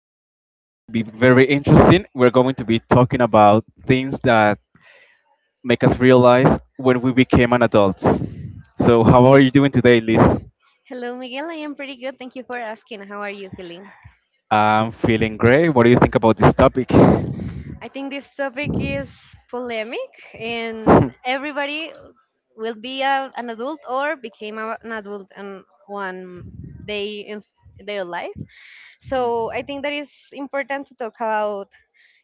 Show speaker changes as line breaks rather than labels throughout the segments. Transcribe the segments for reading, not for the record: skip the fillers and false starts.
This one is going to be very interesting. We're going to be talking about things that make us realize when we became an adult. So, how are you doing today, Liz?
Hello, Miguel. I am pretty good. Thank you for asking. How are you feeling?
I'm feeling great. What do you think about this topic?
I think this topic is polemic, and everybody will be an adult or became an adult in one day in their life. So I think that is important to talk about.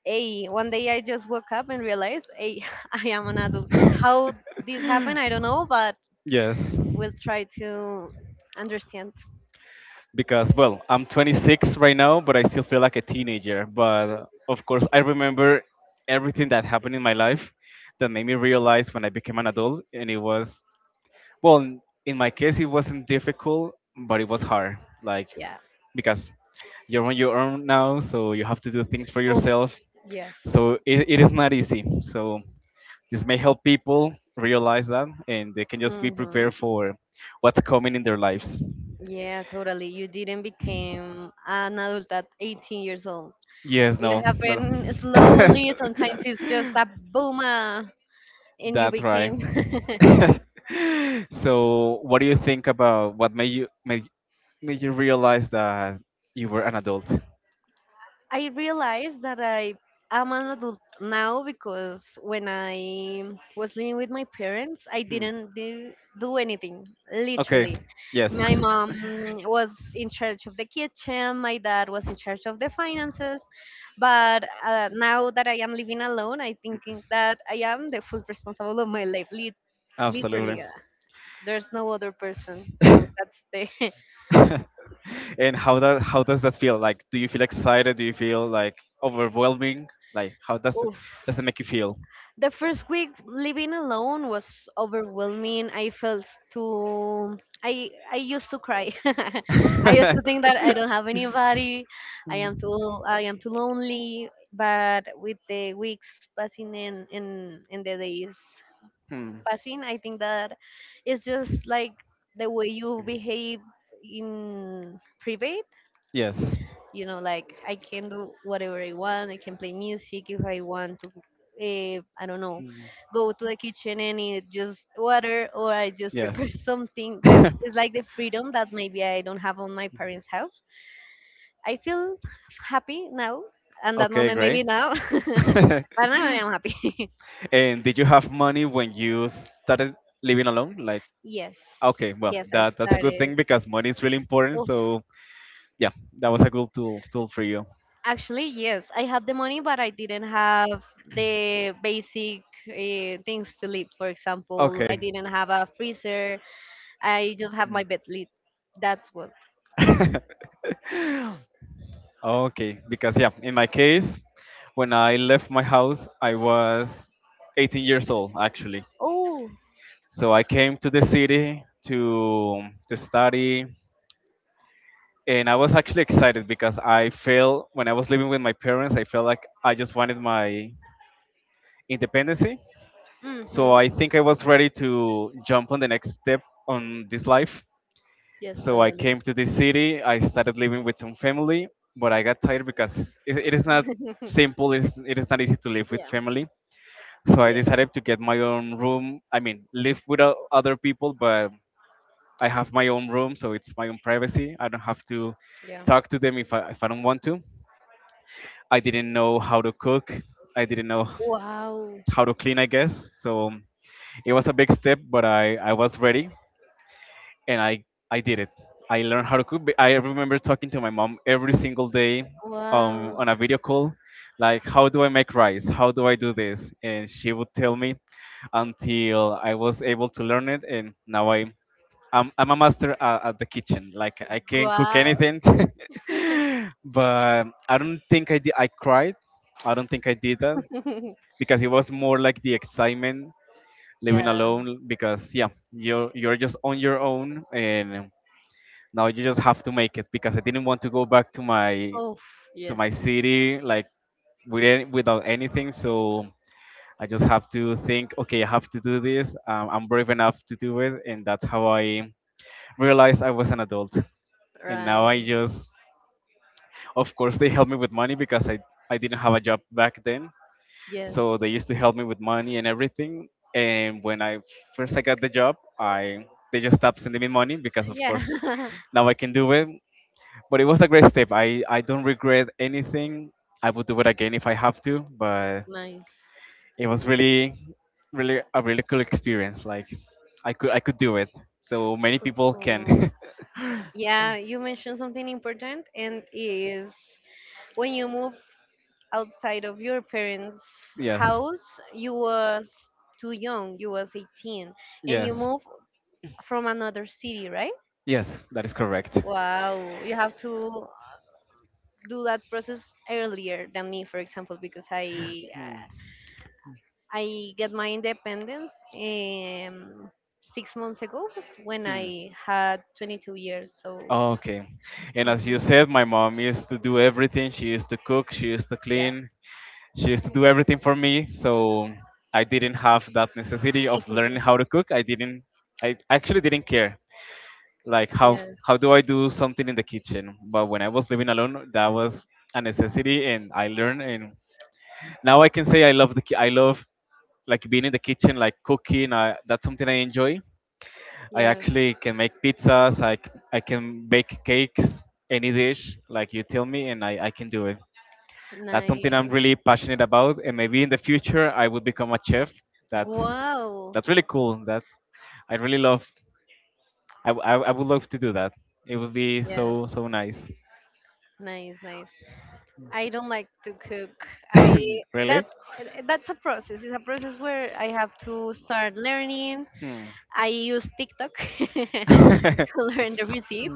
Hey, one day I just woke up and realized, hey, I am an adult. How this happened, I don't know, but
Yes.
we'll try to understand.
Because well I'm 26 right now, but I still feel like a teenager. But of course, I remember everything that happened in my life that made me realize when I became an adult. And it was, well, n- in my case it wasn't difficult but it was hard like
Yeah.
because you're on your own now, so you have to do things for
Oh,
yourself.
yes.
So it is not easy, so this may help people realize that, and they can just be
Hmm.
prepared for what's coming in their lives.
Yeah, totally. You didn't become an adult at 18 years old.
Yes,
It
no, no.
happened slowly. Sometimes it's just a boomer, and you
That's right.
became.
So what do you think about what made you realize that you were an adult?
I realized that I am an adult now because when I was living with my parents, I
Hmm.
didn't do anything,
Okay.
literally.
Yes.
My mom was in charge of the kitchen, my dad was in charge of the finances. But now that I am living alone, I think that I am the full responsible of my life,
Absolutely.
literally. There's no other person. So that's the
And how that, how does that feel? Like, do you feel excited? Do you feel like overwhelming? Like, how does it,
oof.
does it make you feel?
The first week living alone was overwhelming. I felt too. I used to cry. I used to think that I don't have anybody. I am too lonely. But with the weeks passing and the days
Hmm.
passing, I think that it's just like the way you behave in private,
Yes.
you know, like I can do whatever I want. I can play music if I want to. Uh, I don't know,
Mm.
go to the kitchen and eat just water, or I just
Yes.
prepare something that is like the freedom that maybe I don't have on my parents' house. I feel happy now, and that
Okay,
moment
great.
maybe now. But now I am happy.
And did you have money when you started living alone? Like,
Yes.
okay, well,
Yes, I
that that's a good
started.
thing because money is really important.
Of
So yeah, that was a good tool for you.
Actually, yes, I had the money, but I didn't have the basic things to live. For example, I
Okay.
didn't have a freezer. I just have my bed lid. That's what.
Mm. Okay, because yeah, in my case, when I left my house, I was 18 years old actually.
Oh,
So I came to the city to to study, and I was actually excited because I felt when I was living with my parents, I felt like I just wanted my independency. So
mm-hmm.
I think I was ready to jump on the next step on this life.
Yes,
So I
totally.
came to this city. I started living with some family, but I got tired because it is not simple. It is not easy to live with
Yeah,
family. So I
yes,
decided to get my own room. I mean, live with other people, but I have my own room, so it's my own privacy. I don't have to
yeah.
talk to them if I don't want to. I didn't know how to cook. I didn't know
Wow,
how to clean, I guess. So it was a big step, but I was ready, and I did it. I learned how to cook, but I remember talking to my mom every single day,
wow,
on a video call, like, how do I make rice? How do I do this? And she would tell me until I was able to learn it, and now I, I'm a master at the kitchen. Like, I can cook
wow.
anything. But I don't think I did, I cried. I don't think I did that because it was more like the excitement living
Yeah.
alone, because yeah, you're just on your own, and now you just have to make it, because I didn't want to go back
Oh,
to
yes,
my city, like, without anything. So I just have to think, okay, I have to do this. I'm brave enough to do it, and that's how I realized I was an adult. And now I
right.
just, of course, they help me with money, because I didn't have a job back then,
Yes,
so they used to help me with money and everything. And when I first I got the job, I they just stopped sending me money, because of course,
yeah.
now I can do it. But it was a great step. I don't regret anything. I would do it again if I have to, but
Nice.
it was really really a really cool experience. Like, I could do it. So many
So
people
cool.
can.
Yeah, you mentioned something important, and is when you move outside of your parents'
Yes.
house. You was too young. You was 18, and you
Yes.
move from another city, right?
Yes, that is correct.
Wow, you have to do that process earlier than me, for example, because i
Hmm.
i get my independence 6 months ago when I
Hmm.
had 22 years, so
Okay. And as you
mhm,
said, my mom used to do everything. She used to cook, she used to
yeah.
clean. She used to do everything for me, so I didn't have that necessity of learning how to cook. I didn't, I actually didn't care, like,
Yes.
how do I do something in the kitchen. But when I was living alone, that was a necessity, and I learned. And now I can say I love the I love, like, being in the kitchen, like cooking. I, that's something I enjoy. I
Yes.
actually can make pizzas. I can bake cakes, any dish. Like, you tell me, and I can do it. That's something I'm
Nice.
really passionate about, and maybe in the future I would become a chef. That's
Wow.
that's really cool. That's I really love. I would love to do that. It would be
Yes.
so so nice.
Nice, nice. I don't like to cook. I
Really?
that's that's a process. It's a process where I have to start learning.
Hmm.
I use TikTok to learn the recipes.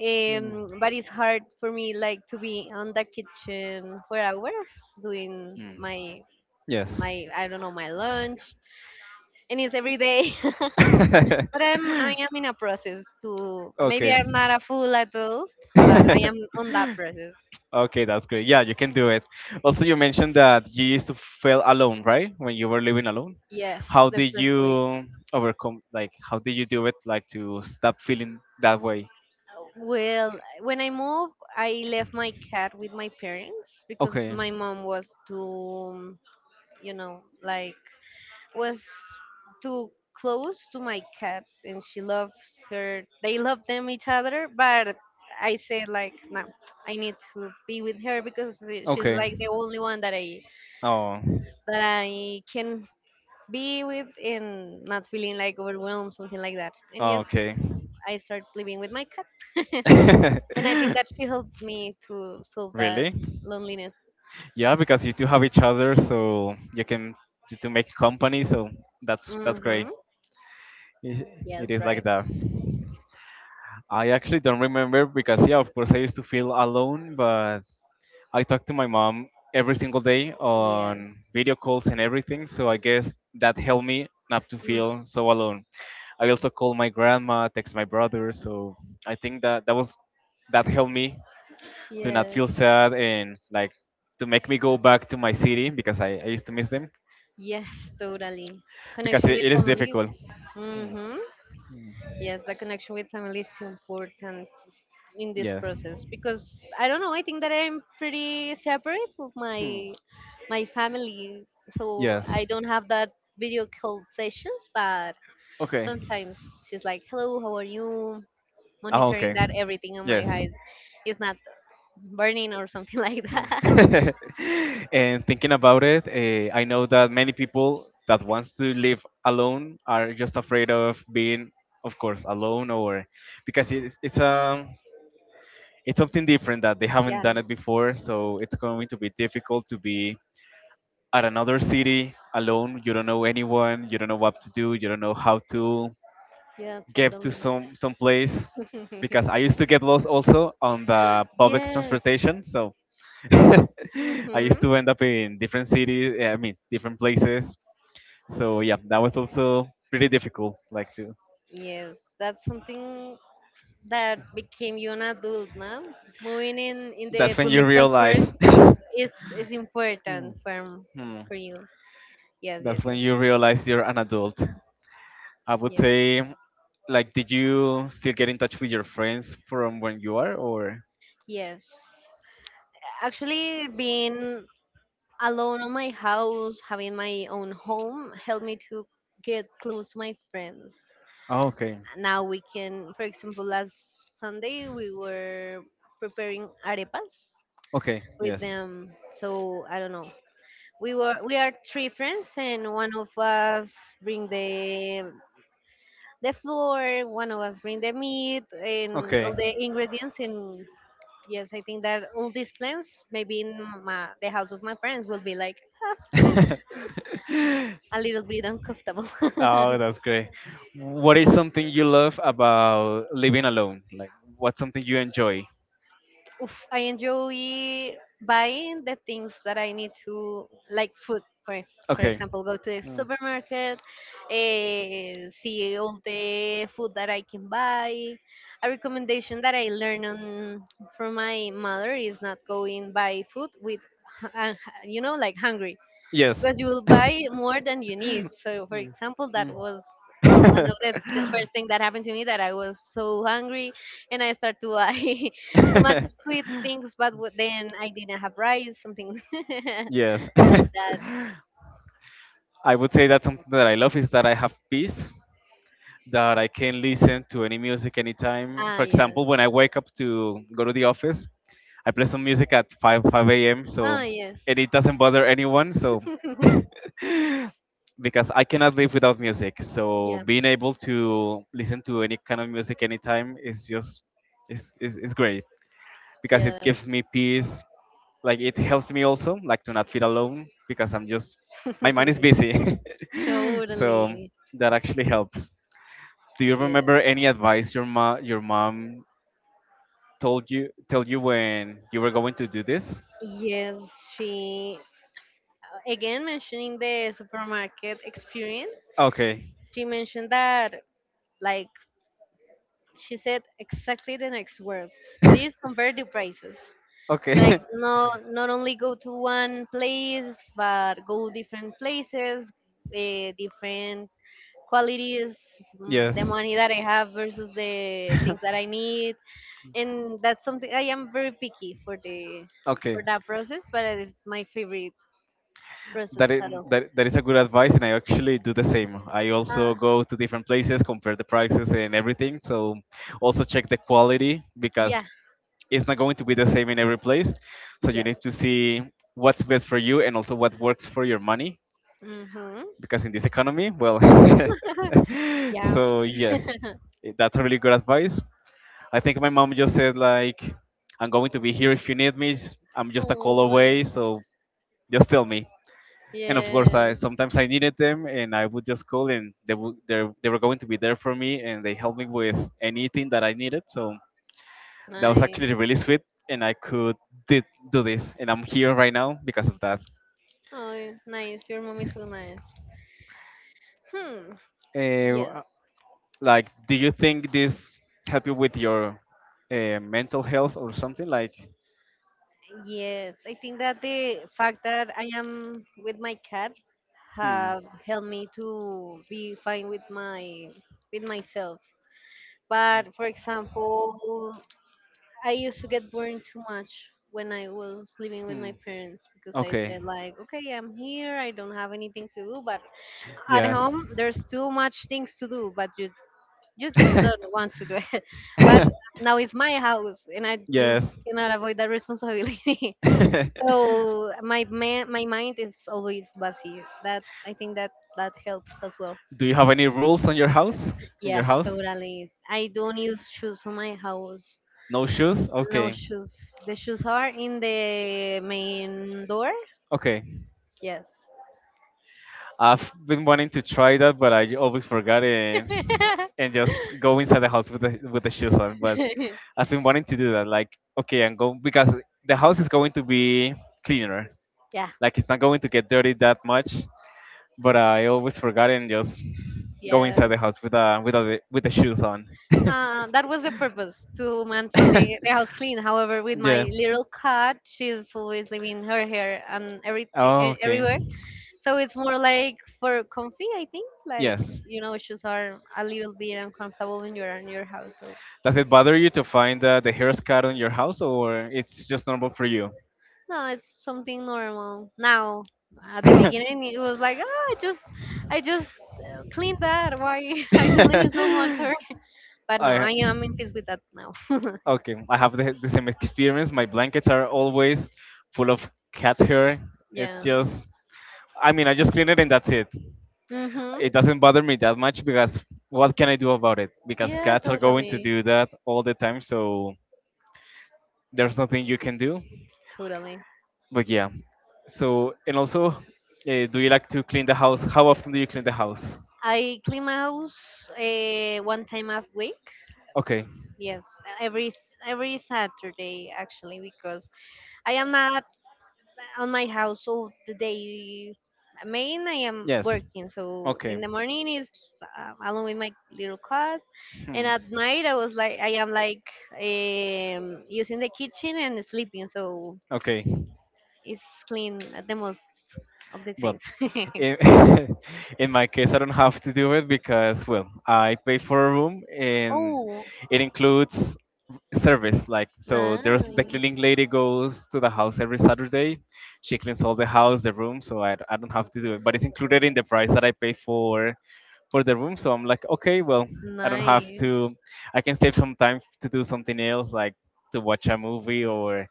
But it's hard for me, like to be on the kitchen for hours doing
Hmm.
my
Yes.
my I don't know, my lunch, and it's every day. But I'm, I am in a process to maybe
Okay.
I'm not a full adult, but I am on that process.
Okay, that's great. Yeah, you can do it. Also, you mentioned that you used to feel alone, right, when you were living alone.
Yes,
How
the
did
first
you
week.
overcome, like, how did you do it, like, to stop feeling that way?
Well, when I moved, I left my cat with my parents because
Okay.
my mom was too, you know, like was too close to my cat, and she loves her. They love them each other, but I said like, no, I need to be with her because she's
Okay.
like the only one
Oh.
that I can be with and not feeling like overwhelmed, something like that. And
Oh,
yes,
okay.
I started living with my cat. And I think that she helped me to solve that
Really?
loneliness.
Yeah, because you two have each other, so you can, you two make company, so that's great.
Mm-hmm.
It, it
Yes,
is like
right.
that. I actually don't remember because, yeah, of course, I used to feel alone, but I talk to my mom every single day
Yes.
on video calls and everything. So I guess that helped me not to
Mm.
feel so alone. I also call my grandma, text my brother. So I think that that was, that helped me to not
Yes.
feel sad and, like, to make me go back to my city because I used to miss them,
Yes, totally.
because
Connection
it,
with
it is
family.
difficult.
Mm-hmm. Yes, the connection with family is so important in this
Yeah.
process because I don't know. I think that I'm pretty separate with my family, so
Yes.
I don't have that video call sessions. But
Okay.
sometimes she's like, "Hello, how are you?"
Ah,
Monitoring
okay.
that everything on my
Yes.
eyes is not burning or something like
Mm.
that.
And thinking about it, I know that many people that wants to live alone are just afraid of being, of course, alone, or because it's um, it's something different that they haven't
Yeah,
done it before, so it's going to be difficult to be at another city alone. You don't know anyone, you don't know what to do, you don't know how to
yeah,
get to
totally.
some place, because I used to get lost also on the public
Yes.
transportation. So I used
Mhm.
to end up in different cities, I mean, different places. So yeah, that was also pretty difficult. Like, to,
Yes, that's something that became you an adult, no? Moving in
that's
the
when you
public transport
realize,
is is important for
hmm,
for you. Yes,
that's
yes,
when
yes,
you realize you're an adult, I would
yes,
say. Like, did you still get in touch with your friends from when you are, or?
yes. Actually, being alone on my house, having my own home, helped me to get close to my friends.
Oh, okay,
Now we can, for example, last Sunday we were preparing arepas
okay,
with
yes,
them, so I don't know, we are three friends, and one of us bring the flour, one of us bring the meat and
okay.
all the ingredients, and yes, I think that all these plans maybe in my, the house of my parents, will be like a little bit uncomfortable.
Oh, that's great. What is something you love about living alone? Like, what's something you enjoy?
Oof, I enjoy buying the things that I need to, like food, for
Okay.
example, go to the
Mm.
supermarket, see all the food that I can buy. A recommendation that I learned on, from my mother is not going buy food with, you know, like hungry,
Yes.
because you will buy more than you need. So, for example, that was one of the first thing that happened to me that I was so hungry and I started to buy so much sweet things, but then I didn't have rice, something
Yes.
like that.
I would say that something that I love is that I have peace, that I can listen to any music anytime.
Ah,
For
yes.
example, when I wake up to go to the office, I play some music at 5 a.m. So,
Ah, yes.
and it doesn't bother anyone. So because I cannot live without music. So
Yeah.
being able to listen to any kind of music anytime is just is is great because it
Yes.
gives me peace. Like, it helps me also, like, to not feel alone, because I'm just, my mind is busy. So
Totally.
that actually helps. Do you
Yes.
remember any advice your ma your mom told you when you were going to do this?
Yes, she. Again, mentioning the supermarket experience,
Okay.
she mentioned that, like, she said exactly the next words: please compare the prices, like
Okay.
no, not only go to one place, but go different places, different qualities, mm, the
Yes.
money that I have versus the things that I need, and that's something I am very picky for the
Okay,
for that process, but it's my favorite process
that is,
at all.
that, that is a good advice, and I actually do the same. I
uh,
also go to different places, compare the prices and everything. So also check the quality, because
yeah.
it's not going to be the same in every place. So you
Yeah.
need to see what's best for you and also what works for your money.
Mm-hmm.
Because in this economy, well,
Yeah.
so yes, that's a really good advice. I think my mom just said, like, "I'm going to be here if you need me. I'm just a call
Oh,
away,
nice.
so just tell me." And of course, I
Yes,
sometimes I needed them, and I would just call, and they would they were going to be there for me, and they helped me with anything that I needed. So that was
nice.
actually really sweet, and I could did, do this, and I'm here right now because of that.
Oh, nice. Your mom is so nice. Hmm. Yes.
Uh, Like, do you think this help you with your mental health or something? Like,
Yes, I think that the fact that I am with my cat
hmm,
have helped me to be fine with my with myself. But for example, I used to get burned too much when I was living with my
hmm.
parents because I
Okay.
said like, okay, I'm here, I don't have anything to do, but at
Yes.
home there's too much things to do, but you just don't want to do it. But now it's my house, and I just
Yes.
cannot avoid that responsibility.
Do
So my mind is always busy, that I think that that helps as well.
you have any rules on your house? In your
Yes,
house?
totally, I don't use shoes on my house.
No shoes?
No
Okay.
shoes. The shoes are in the main door.
Okay.
Yes.
I've been wanting to try that, but I always forgot it and just go inside the house with the shoes on. But I've been wanting to do that. Like, okay, I'm going because the house is going to be cleaner.
Yeah.
Like, it's not going to get dirty that much. But I always forgot and just go inside
Yeah.
the house with with the with the shoes on.
That was the purpose, to maintain the house clean. However, with
Yeah.
my little cat, she's always leaving her hair and everything
Oh, okay.
everywhere. So it's more like for comfy, I think. Like,
Yes.
you know, shoes are a little bit uncomfortable when you're in your house. So
Does it bother you to find the hair scar on your house, or it's just normal for you?
no, it's something normal now. At the
I
beginning, it was like, ah, I just cleaned that. Why are you leaving so much? Or, but no, I am in peace with that now.
okay. I have the same experience. My blankets are always full of cat hair. It's
Yeah.
just. I mean, I just clean it and that's it.
Mhm.
It doesn't bother me that much because what can I do about it? Because
Yeah,
cats are going to
totally.
do that all the time, so there's nothing you can do.
Totally.
But yeah, so and also, do you like to clean the house? How often do you clean the house?
I clean my house one time a week.
Okay.
Yes, every every Saturday actually, because I am not on my house all the day. I mean, I am
Yes.
working, so
Okay.
in the morning is alone with my little cat,
Hmm.
and at night I was like I am like using the kitchen and sleeping, so
Okay.
it's clean at the most of the
Well,
times.
in, in my case, I don't have to do it because, well, I pay for a room and
Oh,
it includes service. Like, so there's the
nice,
cleaning lady goes to the house every Saturday. She cleans all the house, the room, so I don't have to do it. But it's included in the price that I pay for the room. So I'm like, okay, well, I don't have
nice,
to. I can save some time to do something else, like to watch a movie or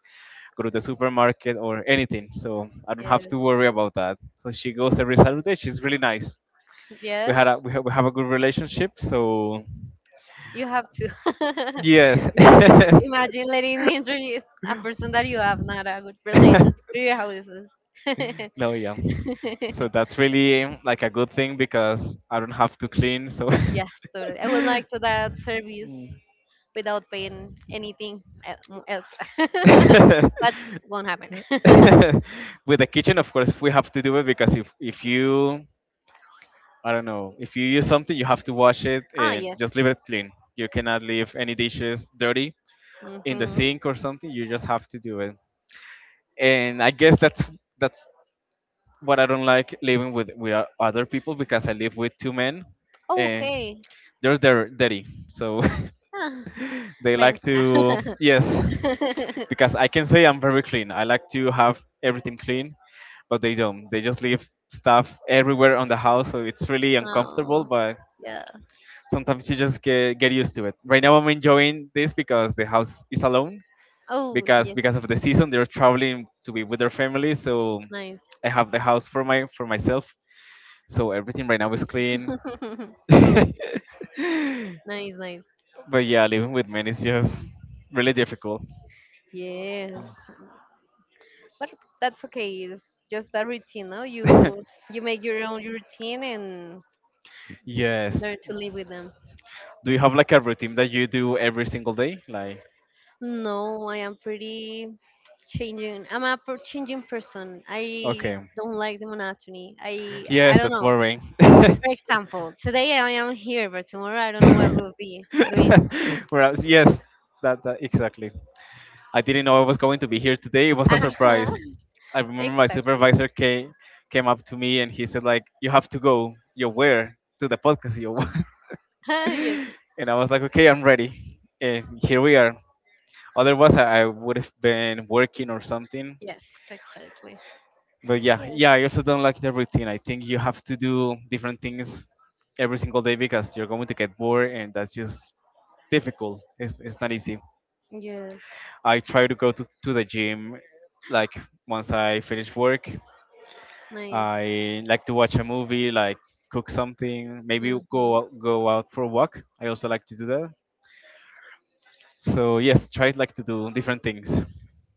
go to the supermarket or anything. So I don't have
yes.
to worry about that. So she goes every Saturday. She's really nice.
Yes,
We have a good relationship. So
you have to.
yes.
Yes, imagine letting me introduce a person that you have not a good relationship to your houses.
No, yeah. So that's really like a good thing because I don't have to clean. So
Yeah, totally. I would like to that service without paying anything else. But won't happen.
with the kitchen, of course, we have to do it because if you I don't know. If you use something, you have to wash it
Ah,
and just
yes.
leave it clean. You cannot leave any dishes dirty in the
Mm-hmm.
sink or something. You just have to do it. And I guess that's what I don't like living with other people because I live with two men and
Okay.
they're dirty. So
Ah,
they
man,
like
nah.
to yes, because I can say I'm very clean. I like to have everything clean, but they don't. They just leave stuff everywhere on the house, so it's really uncomfortable.
Oh,
But
yeah.
sometimes you just get used to it. Right now I'm enjoying this because the house is alone
Oh, yes,
because of the season they're traveling to be with their family, so
nice.
I have the house for my for myself, so everything right now is clean. But
Nice, nice.
yeah, living with men is just really difficult.
Yes, but that's okay. It's just a routine, no? You you make your own routine and
Yes,
learn to live with them.
do you have like a routine that you do every single day, like
No, I am pretty changing. I'm a changing person. I
okay.
don't like the monotony. I
Yes,
don't
that's
know.
boring.
For example, today I am here, but tomorrow I don't know what will be doing.
Whereas, yes, that exactly. I didn't know I was going to be here today. It was a
Uh-huh.
surprise. I remember my
Exactly.
supervisor came came up to me and he said like, "You have to go. You where to the podcast? You."
Yes.
And I was like, "Okay, I'm ready." And here we are. Otherwise, I would have been working or something.
Yes. Exactly.
But yeah,
Yes.
yeah, I also don't like the routine. I think you have to do different things every single day because you're going to get bored and that's just difficult. It's not easy.
Yes.
I try to go to the gym like once I finish work.
Nice.
I like to watch a movie, like cook something, maybe
Mm-hmm.
go out for a walk. I also like to do that. So yes, try like to do different things.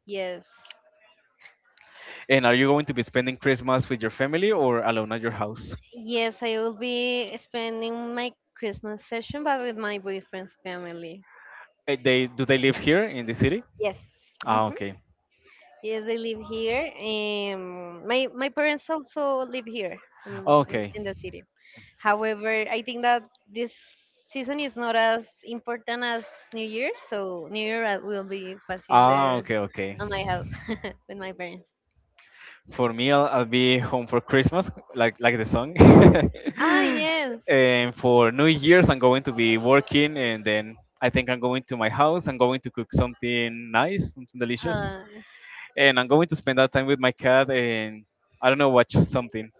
Yes.
And are you going to be spending Christmas with your family or alone at your house?
Yes, I will be spending my Christmas session, but with my boyfriend's family.
Eh, they do they live here in the city?
Yes.
Ah,
Hmm.
okay.
Yes, they live here. My parents also live here, in,
Okay.
in the city. However, I think that this season is not as important as New Year, so New Year I will be passing the
Ah, okay,
on my
okay.
house with my parents.
For me, I'll be home for Christmas, like the song.
Ah, yes.
And for New Year's, I'm going to be working, and then I think I'm going to my house. I'm going to cook something nice, something delicious,
Uh,
and I'm going to spend that time with my cat. And I don't know, watch something.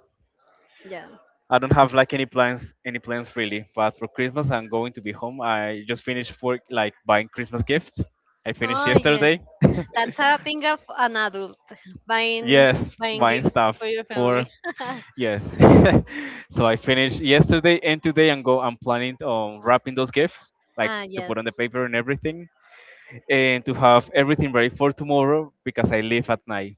yeah.
I don't have like any plans really. But for Christmas, I'm going to be home. I just finished work, like buying Christmas gifts. I finished
Oh,
yesterday.
that's a thing of an adult, buying
Yes,
buying
wine
gifts
stuff
for your family.
for yes. So I finished yesterday and today and go I'm planning on wrapping those gifts, like
Ah,
to put
yes,
on the paper and everything, and to have everything ready for tomorrow because I leave at night.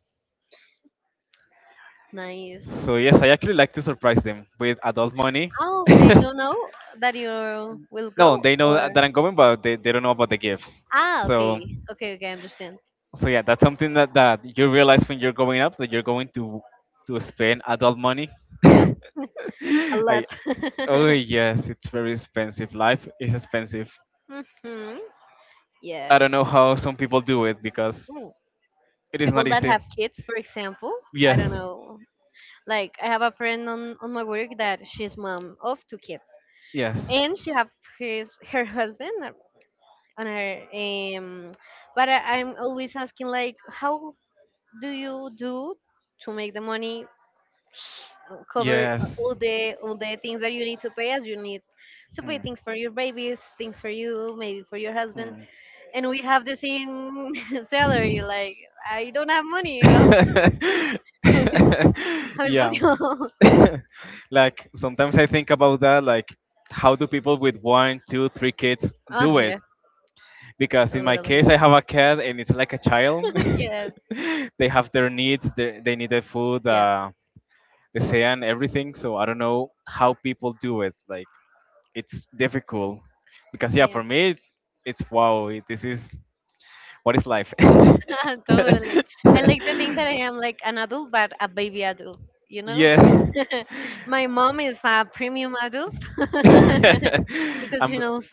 nice.
So yes, I actually like to surprise them with adult money.
Oh, they don't know that you will
No,
go,
they know
or
that I'm going, but they don't know about the gifts.
ah,
So
okay, okay, okay, I understand.
so yeah, that's something that, you realize when you're going up that you're going to spend adult money.
Yeah, a
I
lot.
oh yes, it's very expensive. Life is expensive.
Hmm.
I don't
Yes.
know how some people do it because
Mm.
it is not
People that
easy.
have kids, for example, I don't
Yes,
know. Like I have a friend on my work that she's mom of two kids,
yes.
and she have his her husband. On our but I'm always asking, like, how do you do to make the money cover
Yes.
all the things that you need to pay, as you need to pay
Hmm.
things for your babies, things for you, maybe for your husband,
Hmm.
and we have the same salary. Like, I don't have money. How, how is
Yeah.
possible?
Like sometimes I think about that, like how do people with one, two, three kids
Oh
do it?
yeah,
Because in my
totally.
case, I have a cat and it's like a child.
Yes.
They have their needs. They need the food.
Yeah,
The sea and everything. So I don't know how people do it. Like it's difficult because yeah,
yeah.
for me, it's wow. This is what is life.
Totally. I like to think that I am like an adult but a baby adult, you know?
Yeah.
My mom is a premium adult. Because she
I'm
knows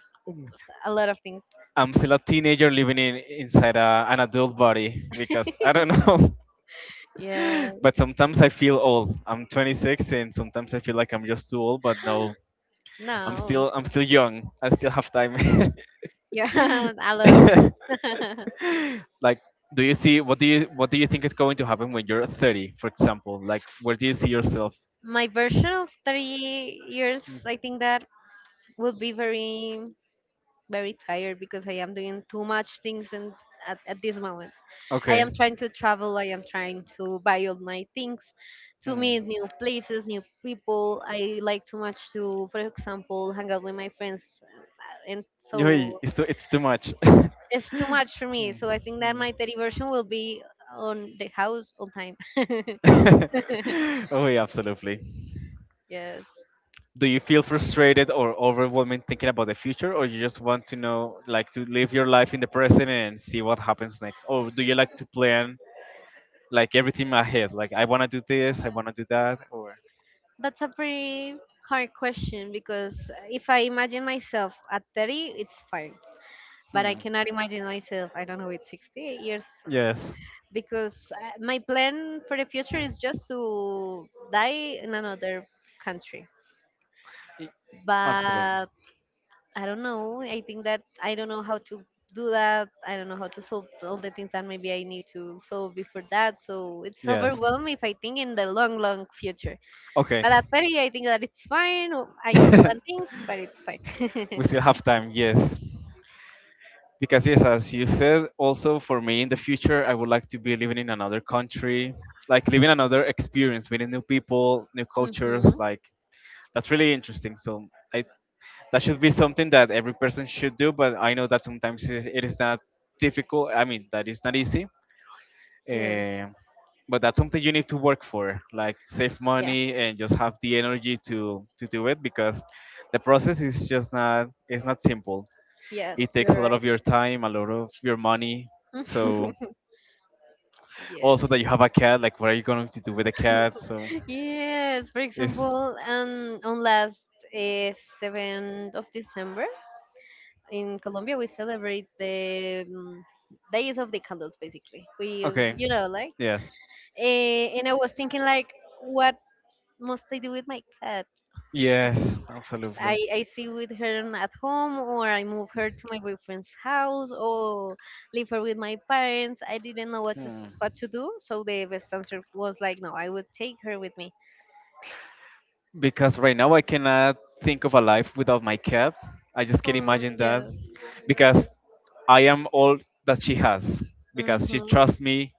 a lot of things.
I'm still a teenager living in inside an adult body because I don't know.
Yeah,
But sometimes I feel old. I'm 26 and sometimes I feel like I'm just too old. But no,
no,
I'm still young. I still have time.
yeah, a lot of them.
Like do you see what do you think is going to happen when you're 30, for example, like where do you see yourself.
My version of 30 years,
Mm.
I think that will be very, very tired because I am doing too much things and at this moment. I
Okay
am trying to travel. I am trying to buy all my things, to
hmm.
meet new places, new people. I like too much to, for example, hang out with my friends, and
Yoi,
so
it's too much.
it's too much for
Hmm,
me. So I think that
hmm.
my 30 version will be on the house all time.
Oh yeah, absolutely.
Yes,
Do you feel frustrated or overwhelming thinking about the future, or you just want to know, like, to live your life in the present and see what happens next? Or do you like to plan like everything ahead? Like, I want to do this, I want to do that, or
that's a pretty hard question because if I imagine myself at 30, it's fine. But
hmm.
I cannot imagine myself, I don't know, with 60 years,
Yes,
because my plan for the future is just to die in another country.
Y- absolutely,
But I don't know. I think that I don't know how to do that. I don't know how to solve all the things that maybe I need to solve before that. So it's
yes.
overwhelming if I think in the long, long future.
Okay,
But at 30, I think that it's fine. Or I can plan things, but it's fine.
we still have time. Yes. Because yes, as you said, also for me in the future, I would like to be living in another country, like living another experience, meeting new people, new cultures.
Hmm.
Like that's really interesting. So I, that should be something that every person should do. But I know that sometimes it is not difficult. I mean, that is not easy.
Yes.
Eh, but that's something you need to work for, like save
Yeah.
money and just have the energy to do it because the process is just not it's not simple.
Yeah.
It takes a
You're
lot of your time, a lot of your money.
right.
So
Yes.
also that you have a cat, like what are you going to do with a cat? So
Yes, for
it's
example, on last uh, 7th of December in Colombia, we celebrate the days of the candles, basically. We,
okay.
like,
Yes.
and I was thinking, like, what must I do with my cat?
Yes, absolutely.
I see with her at home, or I move her to my boyfriend's house, or leave her with my parents. I didn't know
Hmm.
what to do, so the best answer was, like, no, I would take her with me.
Because right now I cannot think of a life without my cat. I just can't imagine that
Yeah.
because I am all that she has because she
Mm-hmm.
trusts me.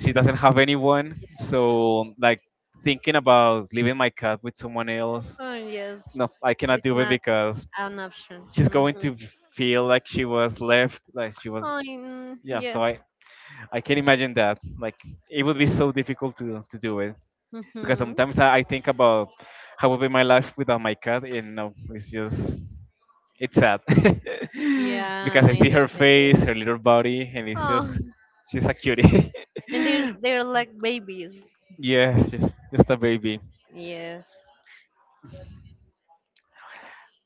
She doesn't have anyone. So like thinking about leaving my cat with someone else,
Oh yes,
no, I cannot
it's
do it
not
because
an option.
she's going
Mm-hmm.
to feel like she was left like she was
Oh, mm,
yeah so
yes.
I can imagine that like it would be so difficult to do it because
Mm-hmm.
sometimes I think about how would be my life without my cat and no it's just it's sad. Because
Yeah,
I
I
see her
understand you.
face her little body and it's
Oh,
just she's a cutie.
and there's they're like babies.
Yes just a baby
Yes.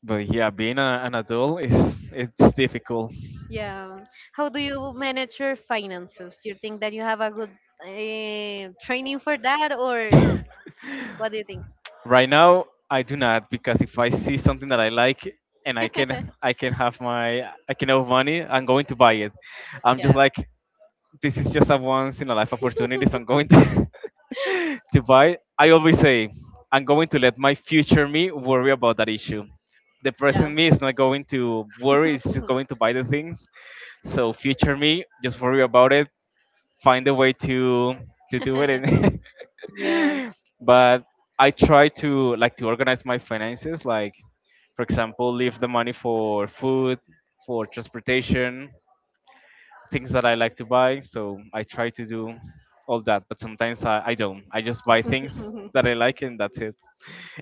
but yeah being an adult is it's difficult.
Yeah. How do you manage your finances? Do you think that you have a good training for that, or what do you think?
Right now I do not because if I see something that I like and I can have my I can have money I'm going to buy it I'm just
Yeah.
like this is just a once in a life opportunity so I'm going to, to buy I always say I'm going to let my future me worry about that issue the
Yeah.
present me is not going to worry it's just going to buy the things so future me just worry about it find a way to do it and
Yes.
but I try to like to organize my finances like for example leave the money for food for transportation things that I like to buy so I try to do all that but sometimes I don't I just buy things that I like and that's it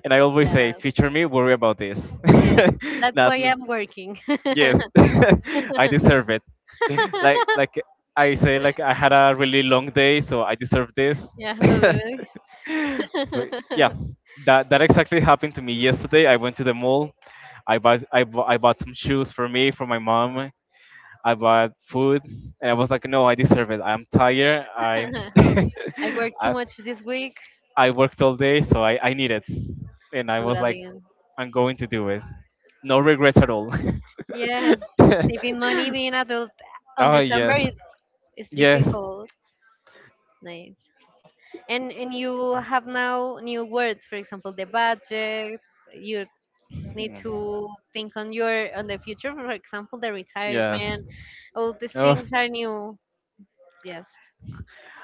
and I always say
Yeah.
future me worry about this.
Yes. That's why
Not me.
I'm working.
Yes, I deserve it. Like I say, like I had a really long day, so I deserve this.
Yeah.
But
Totally.
yeah, that exactly happened to me yesterday. I went to the mall. I bought some shoes for me, for my mom. I bought food, and I was like, no, I deserve it. I'm tired. I
I worked too
I
much this week.
I worked all day, so I need it. And I was like,
Totally.
I'm going to do it. No regrets at all.
Yes, saving money, being adult on
Oh
December,
yes,
is
yes,
difficult. Nice. And you have now new words, for example, the budget. You need
Mm.
to think on the future, for example, the
yes.
retirement. All these
Oh,
things are new. Yes.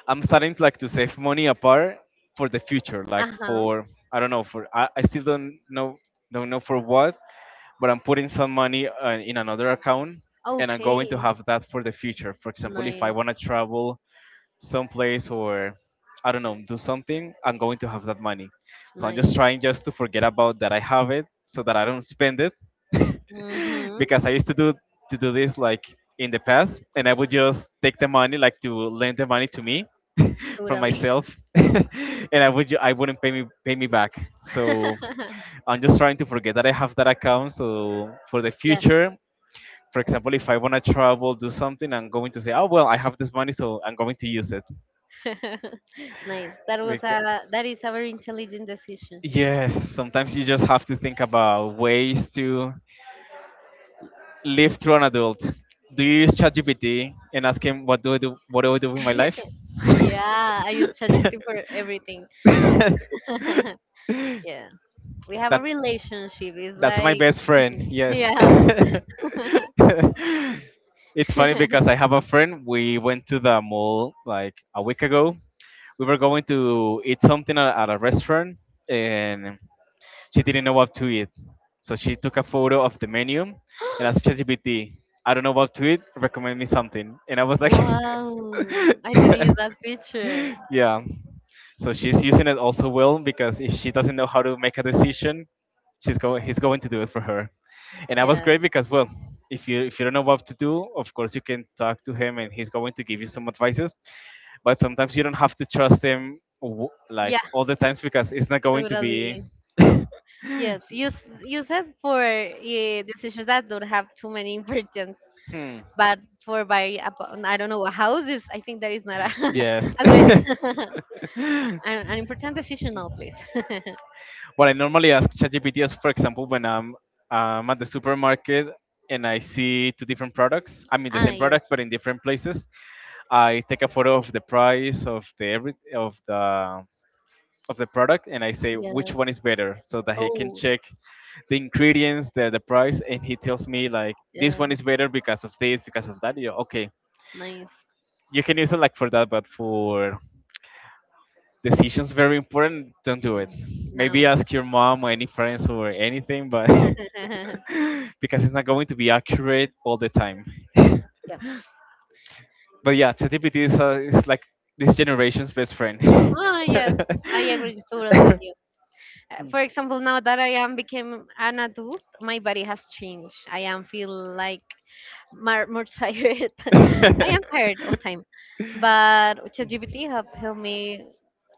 I'm starting to, like to save money apart for the future, like
Uh huh.
for I don't know for I still don't know for what, but I'm putting some money in another account, and I'm going to
Okay.
have that for the future. For example, if I want
Nice.
to travel some place, or I don't know, do something, I'm going to have that money. So I'm just
Nice.
trying just to forget about that I have it, so that I don't spend it.
Mhm.
Because I used to do this like in the past, and I would just take the money, like to lend the money to me from
Totally.
myself and I would I wouldn't pay me back. So I'm just trying to forget that I have that account, so for the
Yes.
future, for example, if I want to travel, do something, I'm going to say, oh, well, I have this money, so I'm going to use it.
Nice. That was
Bec-
a that is a very intelligent decision.
yes, sometimes you just have to think about ways to live through an adult. Do you use ChatGPT and ask him, what do I do? What do I do with my life?
Yeah, I use ChatGPT for everything. Yeah, we have a
that
relationship. It's
that's my
like
best friend. Yes.
yeah.
It's funny because I have a friend. We went to the mall like a week ago. We were going to eat something at a restaurant, and she didn't know what to eat. So she took a photo of the menu and asked ChatGPT, I don't know what to eat, recommend me something. And I was like,
Wow, I didn't use that picture.
yeah. So she's using it also, well, because if she doesn't know how to make a decision, she's going he's going to do it for her. And that was
Yeah,
great, because well, if you don't know what to do, of course you can talk to him and he's going to give you some advices. But sometimes you don't have to trust him like
yeah,
all the times, because it's not going to be
totally. Yes, use it for decisions that don't have too many importance.
Hmm.
But for buy, I don't know, a house is. I think that is not a,
Yes.
a good idea. An important decision now, please.
What I normally ask ChatGPT is, for example, when I'm at the supermarket and I see two different products. I mean, the
Ah,
same
yes,
product but in different places. I take a photo of the price of the every of the product, and I say which
yes.
one is better, so that he can
Oh,
check the ingredients, the price, and he tells me, like, this
yeah,
one is better because of this, because of that. Yeah, okay,
nice
you can use it like for that, but for decisions very important, don't do it.
team.
Maybe
Now,
ask your mom or any friends or anything, but
yeah.
because it's not going to be accurate all the time. But yeah, ChatGPT is like this generation's best friend.
Ah, yes, I agree totally with you. For example, now that I am became an adult, my body has changed. I am feel like more, more tired. I
Mm.
am tired all time, but ChatGPT have helped me,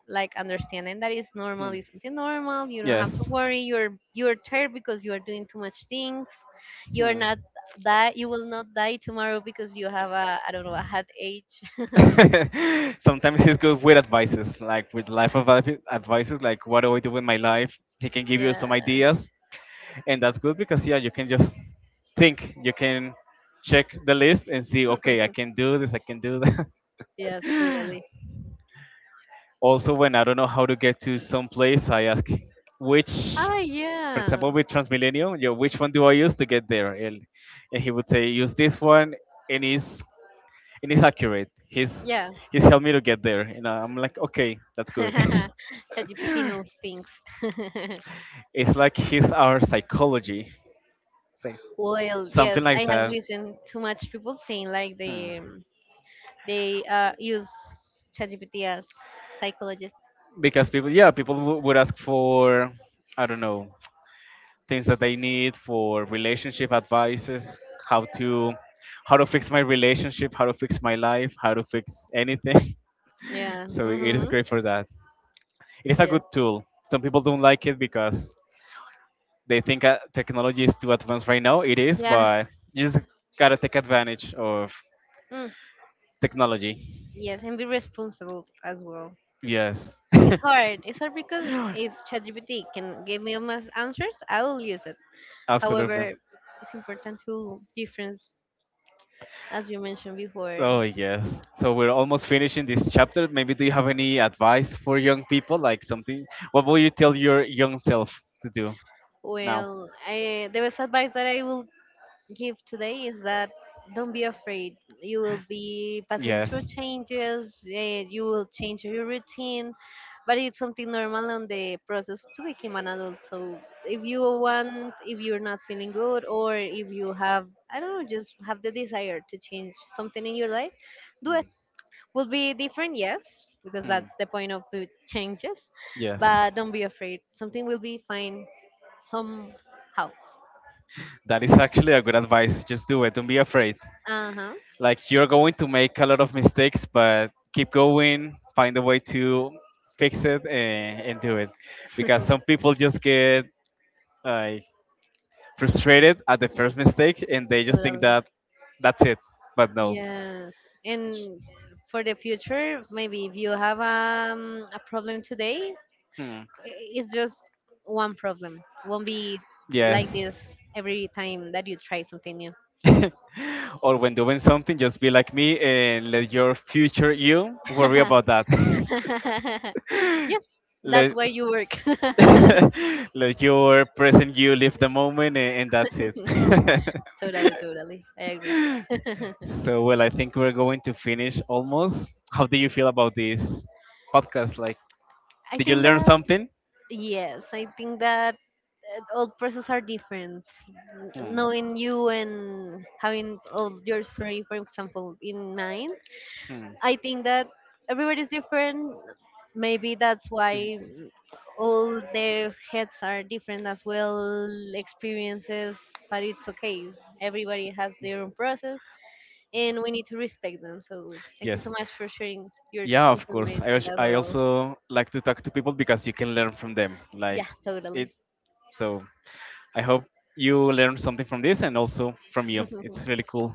like, understanding that it's normal,
Hmm.
is something normal. You don't have to
Yes.
worry. You're tired because you are doing too much things. You're
Hmm.
not, that you will not die tomorrow because you have a, I don't know, a headache.
Sometimes he's good with advices, like with life of advices, like what do I do with my life? He can give you
Yeah.
some ideas, and that's good because yeah, you can just think, you can check the list and see, okay, I can do this, I can do that.
Yes, totally.
Also, when I don't know how to get to some place, I ask which,
Oh
for
yeah,
example, with Transmilenio, yo, which one do I use to get there? And he would say, use this one, and it's accurate.
yeah.
He's helped me to get there, and I'm like, okay, that's good.
ChatGPT knows things.
It's like he's our psychology, same.
Well,
Something
yes, I
like
have
that.
listened too much people saying, like,
Hmm.
they use ChatGPT as psychologist.
Because people, yeah, people would ask for, I don't know, things that they need, for relationship advices, how to how to fix my relationship, how to fix my life, how to fix anything.
Yeah.
So it is
Mm-hmm.
great for that. It is a
Yes.
good tool. Some people don't like it because they think technology is too advanced right now. It is,
Yeah.
but you just gotta take advantage of
Mm.
technology.
Yes, and be responsible as well.
Yes,
It's hard. It's hard because if ChatGPT can give me almost answers, I will use it.
absolutely.
However, it's important to difference, as you mentioned before.
Oh yes. So we're almost finishing this chapter. Maybe, do you have any advice for young people, like something? What will you tell your young self to do now?
Well, the best advice that I will give today is that don't be afraid. You will be passing through
Yes.
changes, you will change your routine, but it's something normal on the process to become an adult. So if you want, if you're not feeling good, or if you have, I don't know, just have the desire to change something in your life, do it. Will be different, yes, because
Hmm.
that's the point of the changes,
Yes.
but don't be afraid. Something will be fine somehow.
That is actually a good advice. Just do it. Don't be afraid.
Uh huh.
Like, you're going to make a lot of mistakes, but keep going, find a way to fix it and do it, because some people just get like frustrated at the first mistake and they just think
Totally.
that that's it, but no.
Yes, and for the future, maybe if you have a problem today,
Hmm.
it's just one problem. Won't be like
Yes.
this every time that you try something new.
Or when doing something, just be like me and let your future you worry about that.
Yes, that's
Let
where you work.
let your present you live the moment and that's it.
Totally, totally. I agree.
So, well, I think we're going to finish almost. How do you feel about this podcast? Like,
I
did you
think
learn
that
something?
yes, I think that all process are different.
Hmm.
Knowing you and having all your story, for example, in mind,
Hmm.
I think that everybody is different. Maybe that's why all the heads are different as well, experiences, but it's okay. Everybody has their own process and we need to respect them. So thank you
Yes.
so much for sharing your
Yeah, of course. I,
information as
I
well.
also like to talk to people because you can learn from them. Like,
Yeah,
it.
totally.
So, I hope you learn something from this, and also from you. It's really cool.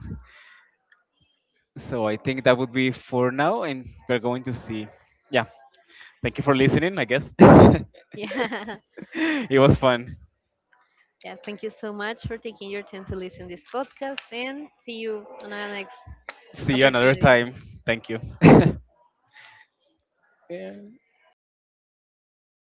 So, I think that would be for now, and we're going to see. Yeah. Thank you for listening, I guess.
Yeah.
It was fun.
Yeah, thank you so much for taking your time to listen this podcast and see you on our next
See you another
opportunity.
time. Thank you. Yeah.